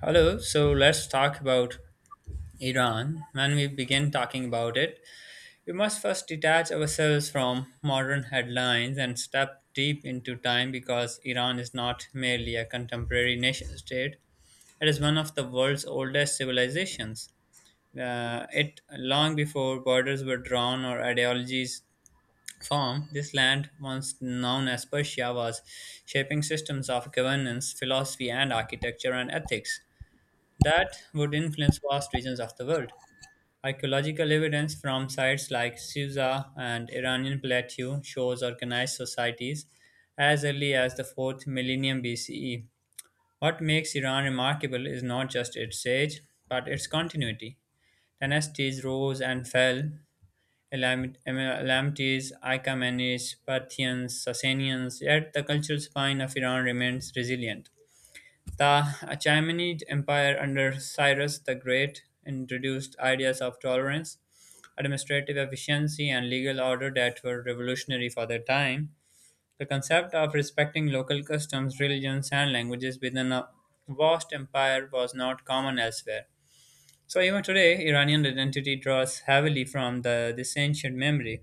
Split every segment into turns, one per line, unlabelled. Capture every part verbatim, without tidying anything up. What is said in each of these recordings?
Hello, so let's talk about Iran. When we begin talking about it, we must first detach ourselves from modern headlines and step deep into time because Iran is not merely a contemporary nation state, it is one of the world's oldest civilizations. Uh, it long before borders were drawn or ideologies formed, this land, once known as Persia, was shaping systems of governance, philosophy, and architecture and ethics that would influence vast regions of the world. Archaeological evidence from sites like Susa and Iranian plateau shows organized societies as early as the fourth millennium B C E. What makes Iran remarkable is not just its age, but its continuity. Dynasties rose and fell, Elam- Em- Elamites, Achaemenids, Parthians, Sasanians, yet the cultural spine of Iran remains resilient. The Achaemenid Empire under Cyrus the Great introduced ideas of tolerance, administrative efficiency, and legal order that were revolutionary for their time. The concept of respecting local customs, religions, and languages within a vast empire was not common elsewhere. So, even today, Iranian identity draws heavily from the, this ancient memory.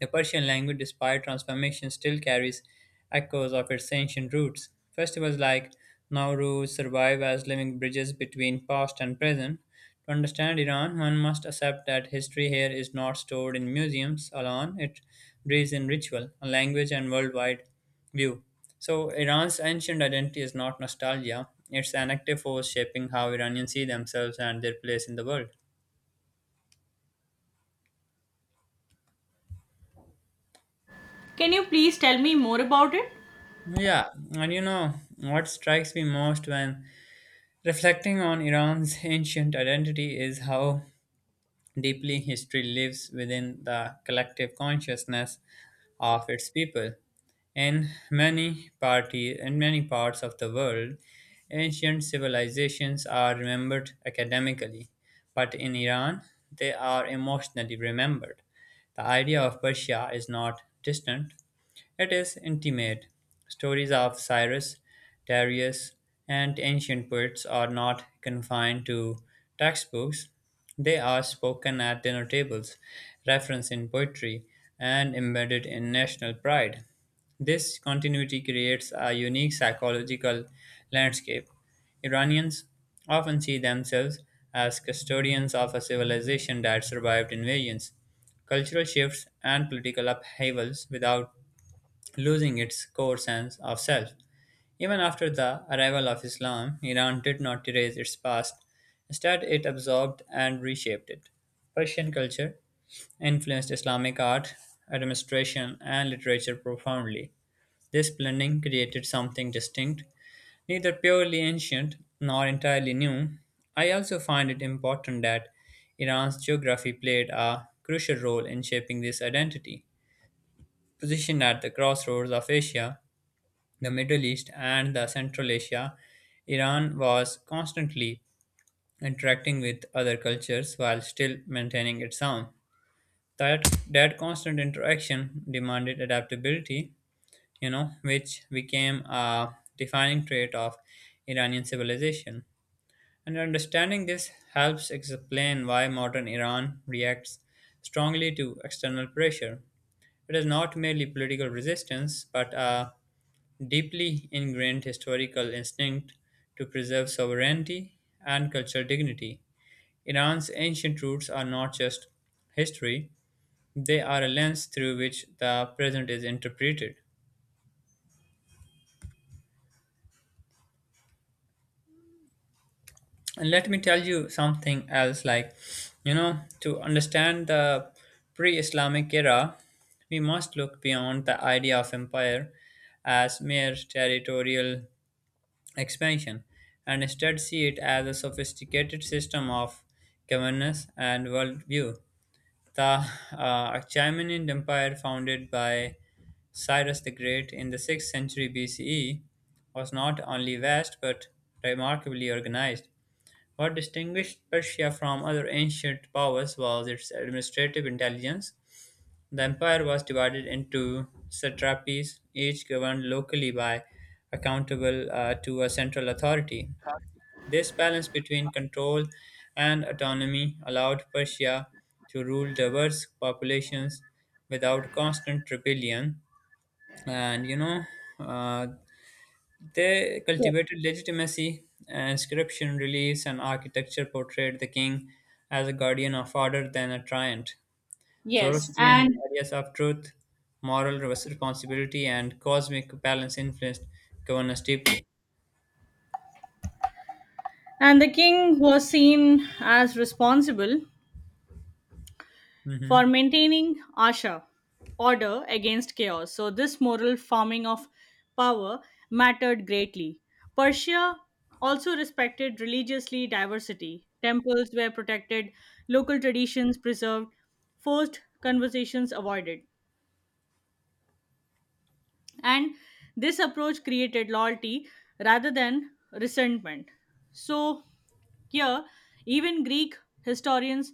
The Persian language, despite transformation, still carries echoes of its ancient roots. Festivals like Nowruz survive as living bridges between past and present. To understand Iran, one must accept that history here is not stored in museums alone, it breathes in ritual, a language, and worldwide view. So, Iran's ancient identity is not nostalgia, it's an active force shaping how Iranians see themselves and their place in the world.
Can you please tell me more about it?
Yeah, and you know what strikes me most when reflecting on Iran's ancient identity is how deeply history lives within the collective consciousness of its people. In many party in many parts of the world, ancient civilizations are remembered academically, but in Iran, they are emotionally remembered. The idea of Persia is not distant, it is intimate. Stories of Cyrus, Darius, and ancient poets are not confined to textbooks. They are spoken at dinner tables, referenced in poetry, and embedded in national pride. This continuity creates a unique psychological landscape. Iranians often see themselves as custodians of a civilization that survived invasions, cultural shifts, and political upheavals without losing its core sense of self. Even after the arrival of Islam, Iran did not erase its past. Instead, it absorbed and reshaped it. Persian culture influenced Islamic art, administration, and literature profoundly. This blending created something distinct, neither purely ancient nor entirely new. I also find it important that Iran's geography played a crucial role in shaping this identity. Positioned at the crossroads of Asia, the Middle East, and the Central Asia, Iran was constantly interacting with other cultures while still maintaining its own. That that constant interaction demanded adaptability, you know, which became a defining trait of Iranian civilization. And understanding this helps explain why modern Iran reacts strongly to external pressure. It is not merely political resistance, but a deeply ingrained historical instinct to preserve sovereignty and cultural dignity. Iran's ancient roots are not just history, they are a lens through which the present is interpreted. And let me tell you something else like, you know, to understand the pre Islamic era, we must look beyond the idea of empire as mere territorial expansion and instead see it as a sophisticated system of governance and worldview. The uh, Achaemenid Empire, founded by Cyrus the Great in the sixth century B C E, was not only vast but remarkably organized. What distinguished Persia from other ancient powers was its administrative intelligence. The empire was divided into satrapies, each governed locally by accountable uh, to a central authority. This balance between control and autonomy allowed Persia to rule diverse populations without constant rebellion. And you know, uh, they cultivated legitimacy. Inscription reliefs and architecture portrayed the king as a guardian of order than a tyrant.
Yes,
Zoroastrian
and
ideas of truth, moral responsibility, and cosmic balance influenced governance deeply.
and the king was seen as responsible for
Mhm.
maintaining Asha, order against chaos. So this moral farming of power mattered greatly. Persia also respected religiously diversity. Temples were protected, local traditions preserved, forced conversations avoided. And this approach created loyalty rather than resentment. So here even Greek historians,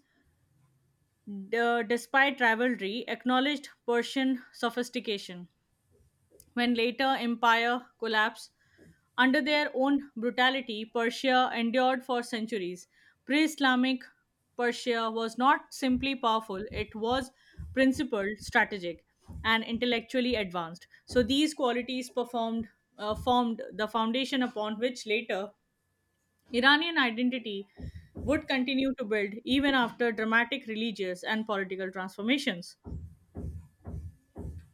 d- despite rivalry, acknowledged Persian sophistication. When later empire collapsed under their own brutality, Persia endured for centuries. Pre Islamic Persia was not simply powerful, it was principled, strategic, and intellectually advanced. So these qualities performed, uh, formed the foundation upon which later Iranian identity would continue to build even after dramatic religious and political transformations.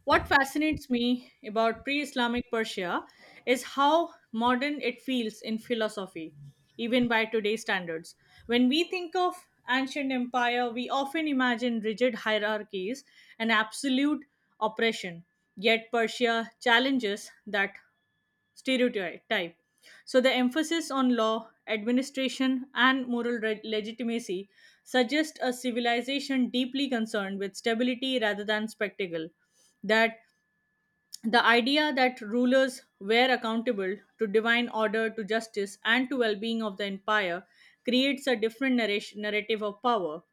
What fascinates me about pre Islamic Persia is how modern it feels in philosophy, even by today's standards. When we think of ancient empire, we often imagine rigid hierarchies and absolute oppression. Yet Persia challenges that stereotype type. So the emphasis on law, administration, and moral re- legitimacy suggests a civilization deeply concerned with stability rather than spectacle. That the idea that rulers were accountable to divine order, to justice, and to well-being of the empire creates a different narration, narrative of power.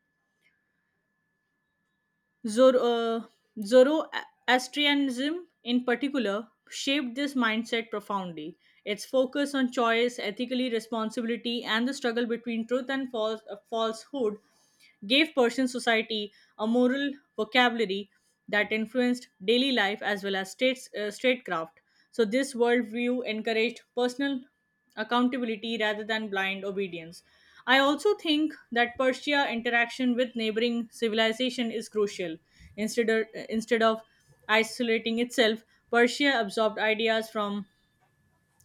Zor- uh, Zoroastrianism, in particular, shaped this mindset profoundly. Its focus on choice, ethically responsibility, and the struggle between truth and false- uh, falsehood gave Persian society a moral vocabulary that influenced daily life as well as states, uh, statecraft. So, this worldview encouraged personal accountability rather than blind obedience. I also think that Persia interaction with neighboring civilization is crucial. Instead of, instead of isolating itself, Persia absorbed ideas from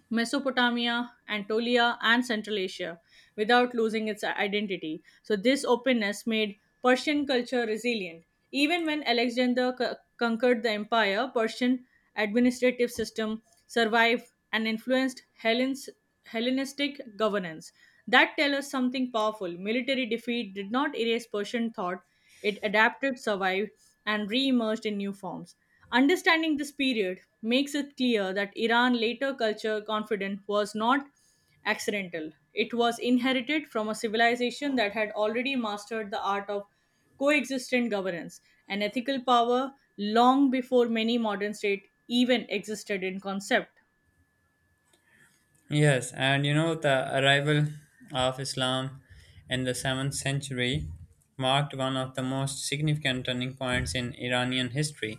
Mesopotamia, Anatolia, and Central Asia without losing its identity. So, this openness made Persian culture resilient. Even when Alexander co- conquered the empire, Persian administrative system survived and influenced Hellen's, Hellenistic governance. That tells us something powerful. Military defeat did not erase Persian thought; it adapted, survived, and re-emerged in new forms. Understanding this period makes it clear that Iran later culture confidence was not accidental. It was inherited from a civilization that had already mastered the art of coexistent governance and ethical power long before many modern states even existed in concept.
Yes, and you know, the arrival of Islam in the seventh century marked one of the most significant turning points in Iranian history.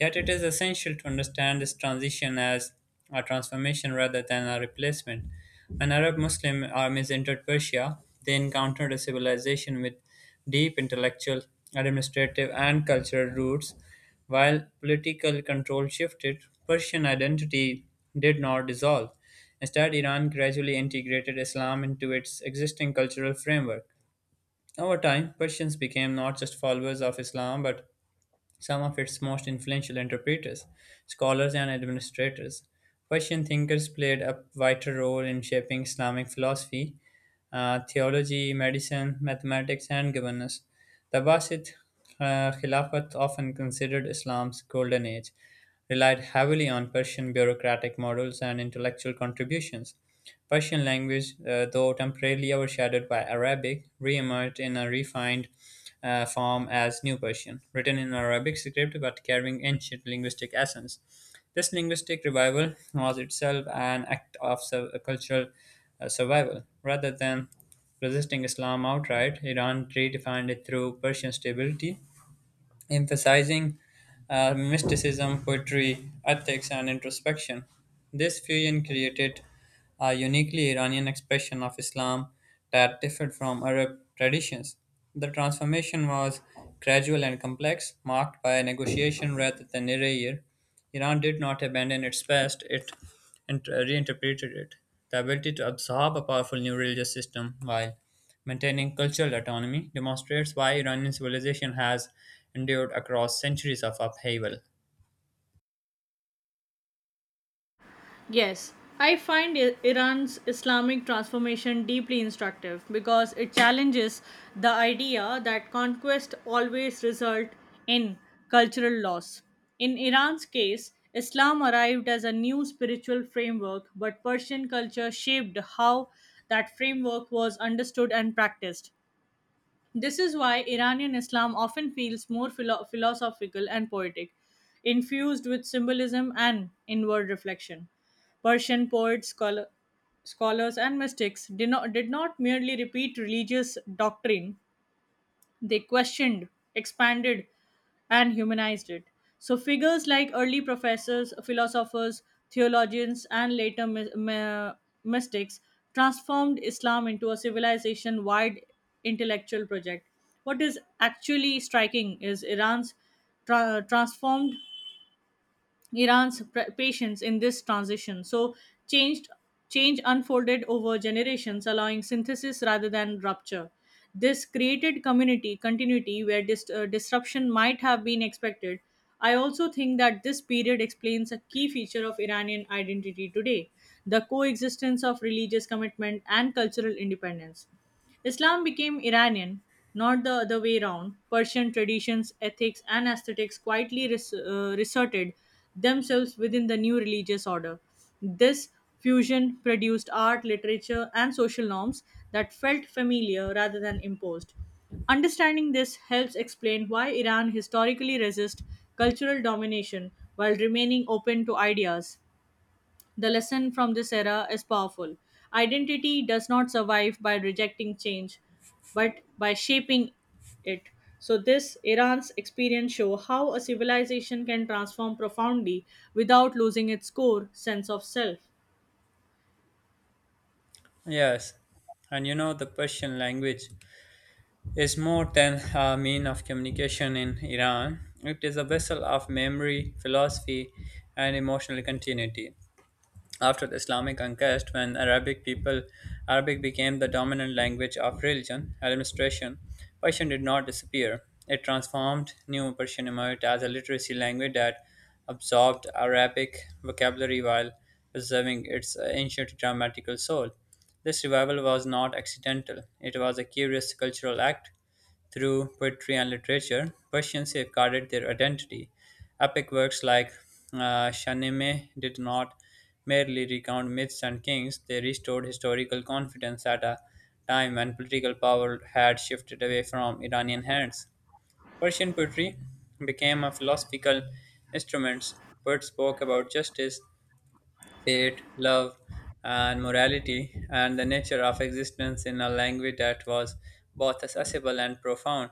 Yet it is essential to understand this transition as a transformation rather than a replacement. When Arab Muslim armies entered Persia, they encountered a civilization with deep intellectual, administrative, and cultural roots. While political control shifted, Persian identity did not dissolve. Instead, Iran gradually integrated Islam into its existing cultural framework. Over time, Persians became not just followers of Islam but some of its most influential interpreters, scholars, and administrators. Persian thinkers played a vital role in shaping Islamic philosophy, uh, theology, medicine, mathematics, and governance. The Abbasid uh, Khilafat, often considered Islam's golden age, relied heavily on Persian bureaucratic models and intellectual contributions. Persian language, uh, though temporarily overshadowed by Arabic, re-emerged in a refined uh, form as New Persian, written in Arabic script but carrying ancient linguistic essence. This linguistic revival was itself an act of su- cultural uh, survival. Rather than resisting Islam outright, Iran redefined it through Persian stability emphasizing uh, mysticism, poetry, ethics, and introspection. This fusion created a uniquely Iranian expression of Islam that differed from Arab traditions. The transformation was gradual and complex, marked by negotiation rather than erasure. Iran did not abandon its past, it int- reinterpreted it. The ability to absorb a powerful new religious system while maintaining cultural autonomy demonstrates why Iranian civilization has endured across centuries of upheaval.
Yes, I find I- Iran's Islamic transformation deeply instructive because it challenges the idea that conquest always result in cultural loss. In Iran's case, Islam arrived as a new spiritual framework, but Persian culture shaped how that framework was understood and practiced. This is why Iranian Islam often feels more philo- philosophical and poetic, infused with symbolism and inward reflection. Persian poets, scholar- scholars, and mystics did not, did not merely repeat religious doctrine, they questioned, expanded, and humanized it. So, figures like early professors, philosophers, theologians, and later my- my- mystics transformed Islam into a civilization wide intellectual project. What is actually striking is Iran's tra- transformed Iran's pr- patience in this transition. So changed change unfolded over generations, allowing synthesis rather than rupture. This created community continuity where dis- uh, disruption might have been expected. I also think that this period explains a key feature of Iranian identity today, the coexistence of religious commitment and cultural independence. Islam became Iranian, not the other way round. Persian traditions, ethics, and aesthetics quietly res- uh, resorted themselves within the new religious order. This fusion produced art, literature, and social norms that felt familiar rather than imposed. Understanding this helps explain why Iran historically resists cultural domination while remaining open to ideas. The lesson from this era is powerful. Identity does not survive by rejecting change, but by shaping it. So this Iran's experience show how a civilization can transform profoundly without losing its core sense of self.
Yes, and you know the Persian language is more than a mean of communication in Iran. It is a vessel of memory, philosophy, and emotional continuity. After the Islamic conquest, when Arabic people Arabic became the dominant language of religion administration, Persian did not disappear. It transformed. New Persian emerged as a literacy language that absorbed Arabic vocabulary while preserving its ancient grammatical soul. This revival was not accidental; it was a curious cultural act through poetry and literature, Persians safeguarded their identity. Epic works like uh, Shahnameh did not merely recount myths and kings, they restored historical confidence at a time when political power had shifted away from Iranian hands. Persian poetry became a philosophical instrument. Poets spoke about justice, fate, love, and morality, and the nature of existence in a language that was both accessible and profound.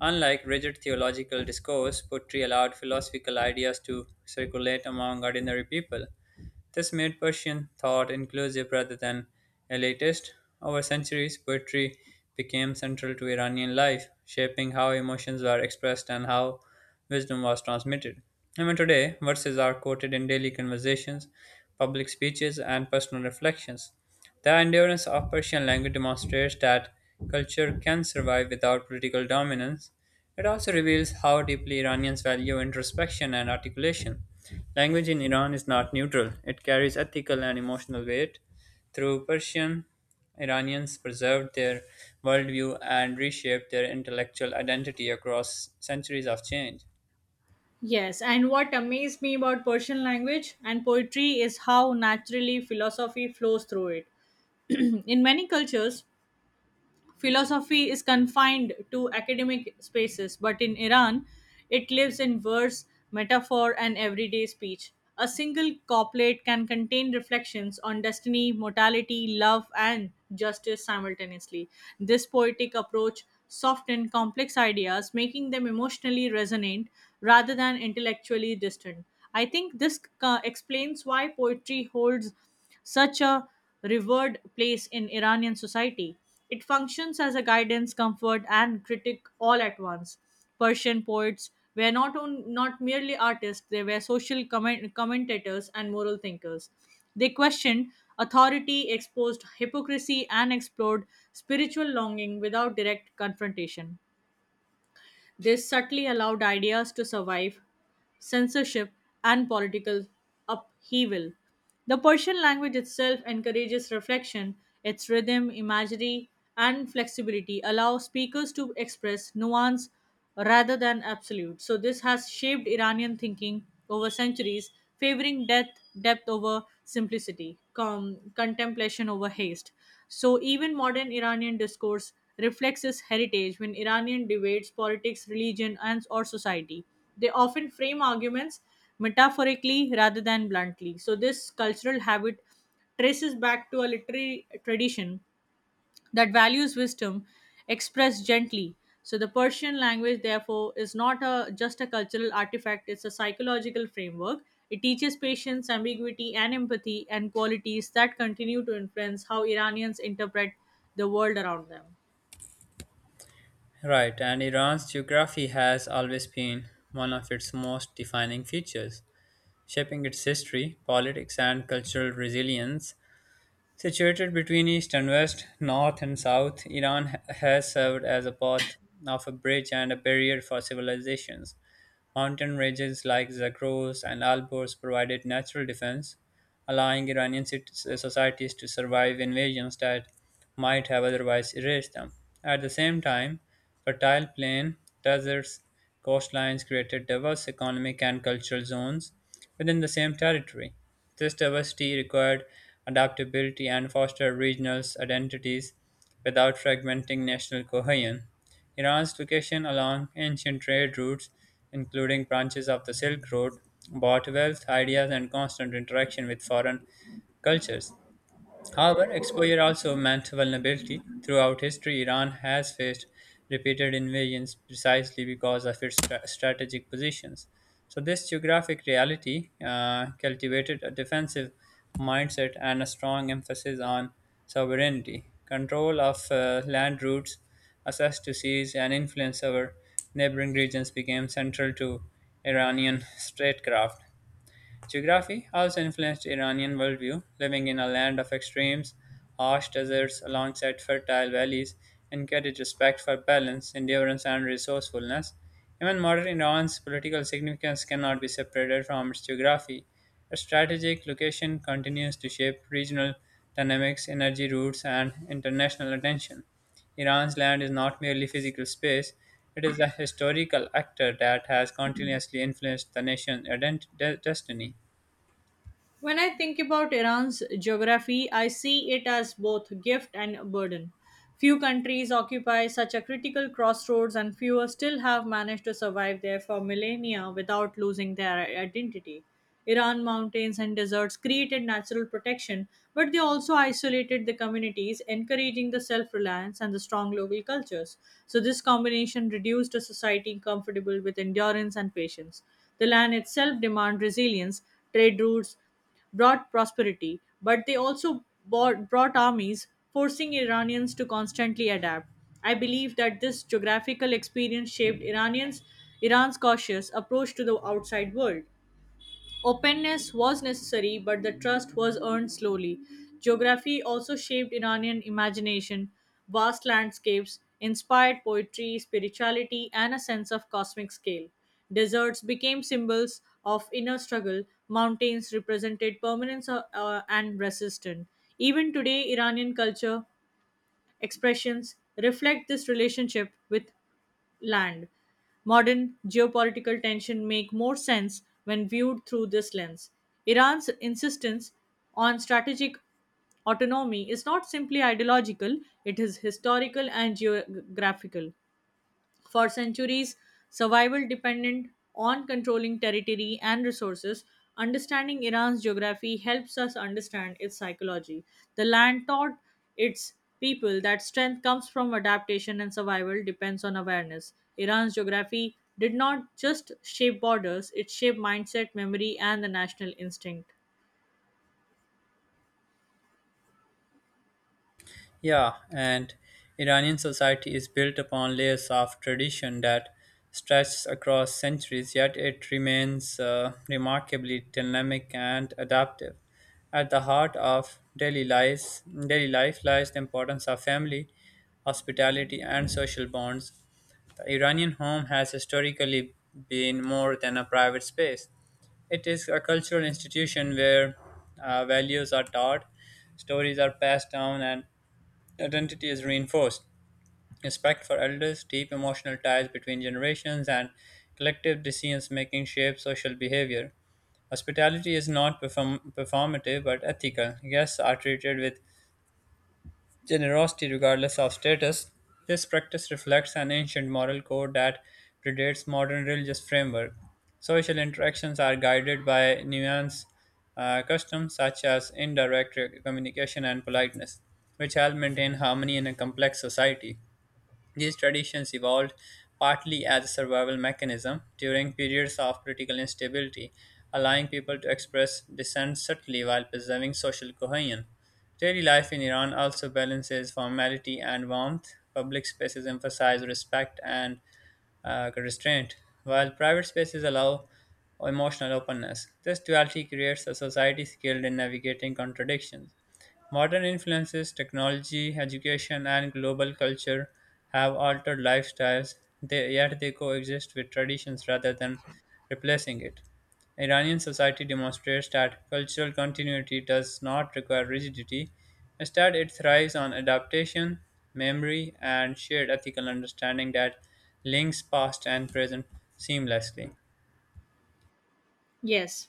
Unlike rigid theological discourse, poetry allowed philosophical ideas to circulate among ordinary people, this made Persian thought inclusive rather than elitist. Over centuries, poetry became central to Iranian life, shaping how emotions were expressed and how wisdom was transmitted. Even today, verses are quoted in daily conversations, public speeches, and personal reflections. The endurance of Persian language demonstrates that culture can survive without political dominance. It also reveals how deeply Iranians value introspection and articulation. Language in Iran is not neutral, it carries ethical and emotional weight. Through Persian, Iranians preserved their worldview and reshaped their intellectual identity across centuries of change.
Yes, and what amazed me about Persian language and poetry is how naturally philosophy flows through it. In many cultures, philosophy is confined to academic spaces, but in Iran, it lives in verse, metaphor, and everyday speech. A single couplet can contain reflections on destiny, mortality, love, and justice simultaneously. This poetic approach softened complex ideas, making them emotionally resonant rather than intellectually distant. I think this uh, explains why poetry holds such a revered place in Iranian society. It functions as a guidance, comfort, and critic all at once. Persian poets were not on, not merely artists; they were social comment, commentators and moral thinkers. They questioned authority, exposed hypocrisy, and explored spiritual longing without direct confrontation. This subtly allowed ideas to survive censorship and political upheaval. The Persian language itself encourages reflection, its rhythm, imagery, and flexibility allow speakers to express nuance rather than absolute. So, this has shaped Iranian thinking over centuries, favoring depth, depth over simplicity, com- contemplation over haste. So even modern Iranian discourse reflects this heritage when Iranian debates politics, religion, and or society. They often frame arguments metaphorically rather than bluntly. So this cultural habit traces back to a literary tradition that values wisdom expressed gently. So the Persian language, therefore, is not a, just a cultural artifact, it's a psychological framework. It teaches patience, ambiguity, and empathy, and qualities that continue to influence how Iranians interpret the world around them.
Right, and Iran's geography has always been one of its most defining features, shaping its history, politics, and cultural resilience. Situated between east and west, north and south, Iran ha- has served as a path of a bridge and a barrier for civilizations. Mountain ranges like Zagros and Alborz provided natural defense, allowing Iranian cit- societies to survive invasions that might have otherwise erased them. At the same time, fertile plain deserts, coastlines created diverse economic and cultural zones within the same territory. This diversity required adaptability and fostered regional identities without fragmenting national cohesion. Iran's location along ancient trade routes, including branches of the Silk Road, brought wealth, ideas, and constant interaction with foreign cultures. However, exposure also meant vulnerability. Throughout history, Iran has faced repeated invasions precisely because of its stra- strategic positions. So, this geographic reality uh, cultivated a defensive mindset and a strong emphasis on sovereignty, control of uh, land routes, access to seas, and influence over neighboring regions became central to Iranian statecraft. Geography also influenced Iranian worldview, living in a land of extremes, harsh deserts alongside fertile valleys, encouraged respect for balance, endurance, and resourcefulness. Even modern Iran's political significance cannot be separated from its geography. Its strategic location continues to shape regional dynamics, energy routes, and international attention. Iran's land is not merely physical space, it is a historical actor that has continuously influenced the nation's ident- de- destiny.
When I think about Iran's geography, I see it as both a gift and a burden. Few countries occupy such a critical crossroads, and fewer still have managed to survive there for millennia without losing their identity. Iran mountains and deserts created natural protection, but they also isolated the communities, encouraging the self reliance and the strong local cultures. So, this combination reduced a society comfortable with endurance and patience. The land itself demanded resilience, trade routes brought prosperity, but they also bought, brought armies, forcing Iranians to constantly adapt. I believe that this geographical experience shaped Iranians Iran's cautious approach to the outside world. Openness was necessary, but the trust was earned slowly. Geography also shaped Iranian imagination. Vast landscapes inspired poetry, spirituality, and a sense of cosmic scale. Deserts became symbols of inner struggle. Mountains represented permanence uh, uh, and resistance. Even today, Iranian culture expressions reflect this relationship with land. Modern geopolitical tension make more sense when viewed through this lens. Iran's insistence on strategic autonomy is not simply ideological, it is historical and geographical. For centuries, survival depended on controlling territory and resources. Understanding Iran's geography helps us understand its psychology. The land taught its people that strength comes from adaptation and survival depends on awareness. Iran's geography did not just shape borders, it shaped mindset, memory, and the national instinct.
Yeah, and Iranian society is built upon layers of tradition that stretch across centuries, yet it remains uh, remarkably dynamic and adaptive. At the heart of daily life, daily life lies the importance of family, hospitality, and social bonds. The Iranian home has historically been more than a private space. It is a cultural institution where uh, values are taught, stories are passed down, and identity is reinforced. Respect for elders, deep emotional ties between generations, and collective decisions making shape social behavior. Hospitality is not perform- performative but ethical. Guests are treated with generosity regardless of status. This practice reflects an ancient moral code that predates modern religious framework. Social interactions are guided by nuanced uh, customs such as indirect communication and politeness, which help maintain harmony in a complex society. These traditions evolved partly as a survival mechanism during periods of political instability, allowing people to express dissent subtly while preserving social cohesion. Daily life in Iran also balances formality and warmth. Public spaces emphasize respect and uh, restraint, while private spaces allow emotional openness. This duality creates a society skilled in navigating contradictions. Modern influences, technology, education, and global culture have altered lifestyles, they, yet they coexist with traditions rather than replacing it. Iranian society demonstrates that cultural continuity does not require rigidity. Instead, it thrives on adaptation, memory, and shared ethical understanding that links past and present seamlessly.
Yes.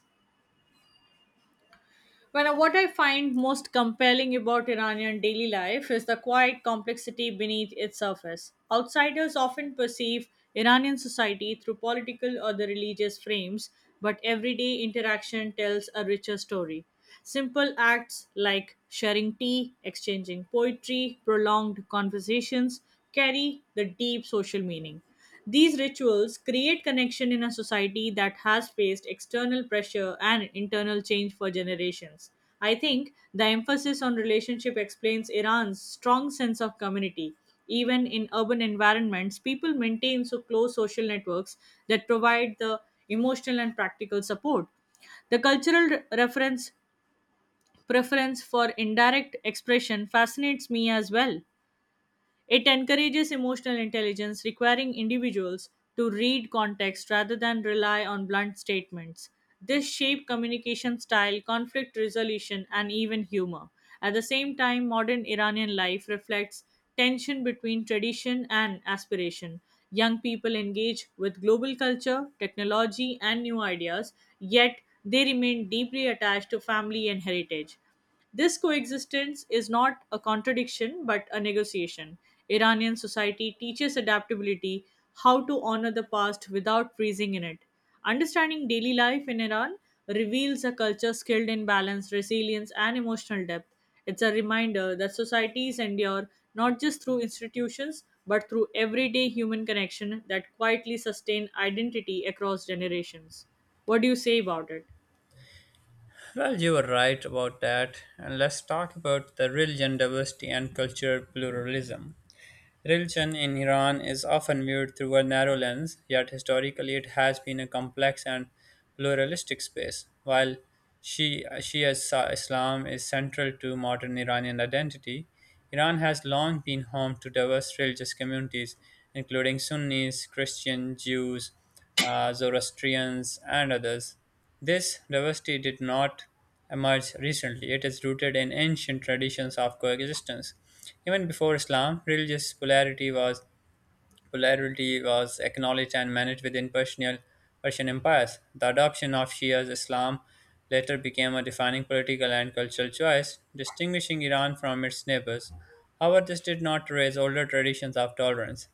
Well, what I find most compelling about Iranian daily life is the quiet complexity beneath its surface. Outsiders often perceive Iranian society through political or the religious frames, but everyday interaction tells a richer story. Simple acts like sharing tea, exchanging poetry, prolonged conversations carry the deep social meaning. These rituals create connection in a society that has faced external pressure and internal change for generations. I think the emphasis on relationship explains Iran's strong sense of community. Even in urban environments, people maintain so close social networks that provide the emotional and practical support. The cultural re- reference preference for indirect expression fascinates me as well. It encourages emotional intelligence, requiring individuals to read context rather than rely on blunt statements. This shapes communication style, conflict resolution, and even humor. At the same time, modern Iranian life reflects tension between tradition and aspiration. Young people engage with global culture, technology, and new ideas, yet they remain deeply attached to family and heritage. This coexistence is not a contradiction but a negotiation. Iranian society teaches adaptability, how to honor the past without freezing in it. Understanding daily life in Iran reveals a culture skilled in balance, resilience, and emotional depth. It's a reminder that societies endure not just through institutions but through everyday human connection that quietly sustain identity across generations. What do you say about it?
Well, you were right about that. And let's talk about the religion diversity and cultural pluralism. Religion in Iran is often viewed through a narrow lens, yet historically it has been a complex and pluralistic space. While Shi- Shia Sa- Islam is central to modern Iranian identity, Iran has long been home to diverse religious communities, including Sunnis, Christian, Jews, uh, Zoroastrians, and others. This diversity did not emerge recently; it is rooted in ancient traditions of coexistence. Even before Islam, religious polarity was polarity was acknowledged and managed within Persian, Persian empires. The adoption of Shia Islam later became a defining political and cultural choice, distinguishing Iran from its neighbors. However, this did not erase older traditions of tolerance.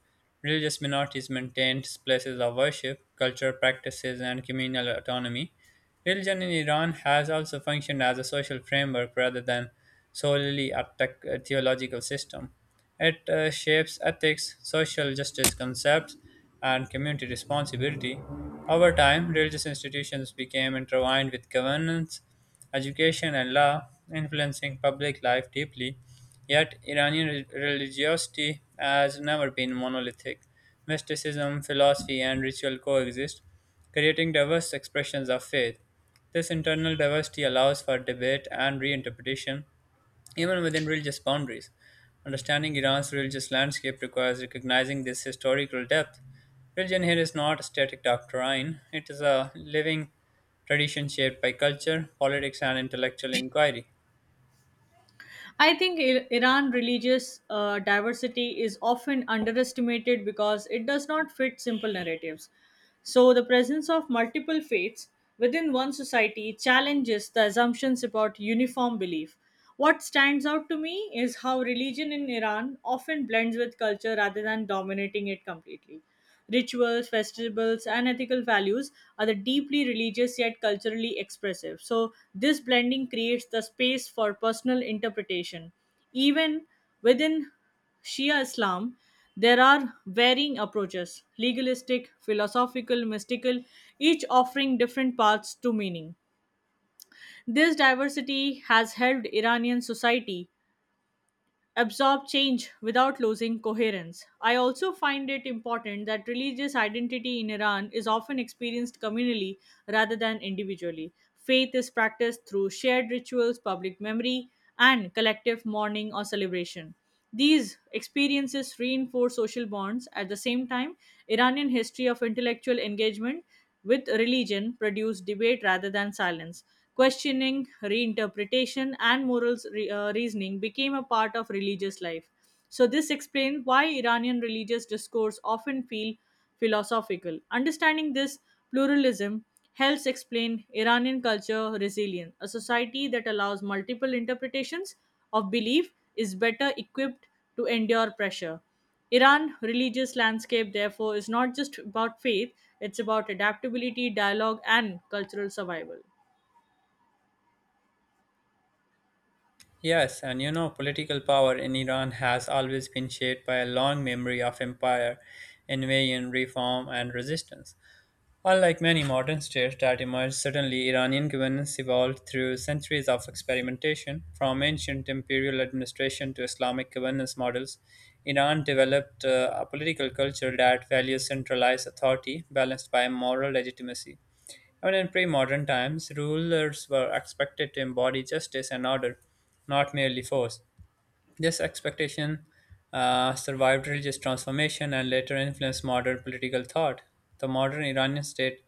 Religious minorities maintained places of worship, cultural practices, and communal autonomy. Religion in Iran has also functioned as a social framework rather than solely a tech- a theological system. It uh, shapes ethics, social justice concepts, and community responsibility. Over time, religious institutions became intertwined with governance, education, and law, influencing public life deeply. Yet, Iranian re- religiosity has never been monolithic. Mysticism, philosophy, and ritual coexist, creating diverse expressions of faith. This internal diversity allows for debate and reinterpretation, even within religious boundaries. Understanding Iran's religious landscape requires recognizing this historical depth. Religion here is not a static doctrine, it is a living tradition shaped by culture, politics, and intellectual inquiry.
I think I- Iran religious uh, diversity is often underestimated because it does not fit simple narratives. So, the presence of multiple faiths within one society challenges the assumptions about uniform belief. What stands out to me is how religion in Iran often blends with culture rather than dominating it completely. Rituals, festivals, and ethical values are the deeply religious yet culturally expressive. So, this blending creates the space for personal interpretation. Even within Shia Islam, there are varying approaches legalistic, philosophical, mystical, each offering different paths to meaning. This diversity has helped Iranian society absorb change without losing coherence. I also find it important that religious identity in Iran is often experienced communally rather than individually. Faith is practiced through shared rituals, public memory, and collective mourning or celebration. These experiences reinforce social bonds. At the same time, Iranian history of intellectual engagement with religion produced debate rather than silence. Questioning, reinterpretation, and morals re- uh, reasoning became a part of religious life. So this explains why Iranian religious discourse often feel philosophical. Understanding this pluralism helps explain Iranian culture resilience. A society that allows multiple interpretations of belief is better equipped to endure pressure. Iran religious landscape therefore is not just about faith, it's about adaptability, dialogue and cultural survival.
Yes, and you know, political power in Iran has always been shaped by a long memory of empire, invasion, reform, and resistance. Unlike many modern states that emerged suddenly, Iranian governance evolved through centuries of experimentation. From ancient imperial administration to Islamic governance models, Iran developed uh, a political culture that values centralized authority balanced by moral legitimacy. Even in pre modern times, rulers were expected to embody justice and order, not merely force. This expectation uh, survived religious transformation and later influenced modern political thought. The modern Iranian state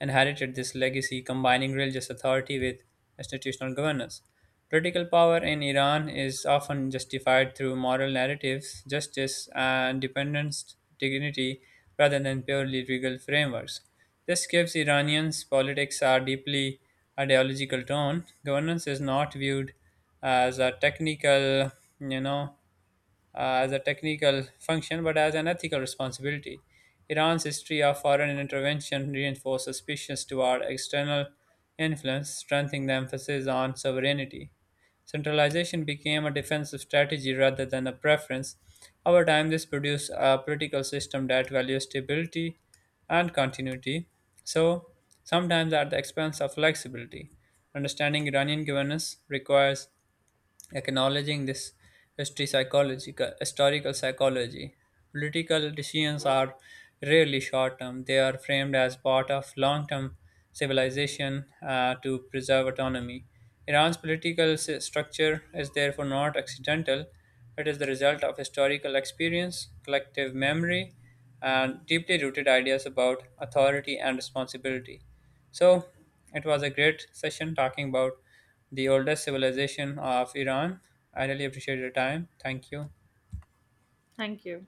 inherited this legacy, combining religious authority with institutional governance. Political power in Iran is often justified through moral narratives, justice, and dependence dignity, rather than purely legal frameworks. This gives Iranians politics a deeply ideological tone. Governance is not viewed uh, as a technical, you know, uh, as a technical function, but as an ethical responsibility. Iran's history of foreign intervention reinforced suspicions toward external influence, strengthening the emphasis on sovereignty. Centralization became a defensive strategy rather than a preference. Over time, this produced a political system that values stability and continuity, so sometimes at the expense of flexibility. Understanding Iranian governance requires acknowledging this history psychological historical psychology. Political decisions are rarely short term. They are framed as part of long term civilization, uh, to preserve autonomy. Iran's political s- structure is therefore not accidental. It is the result of historical experience, collective memory, and deeply rooted ideas about authority and responsibility. So it was a great session talking about the oldest civilization of Iran. I really appreciate your time. Thank you.
Thank you.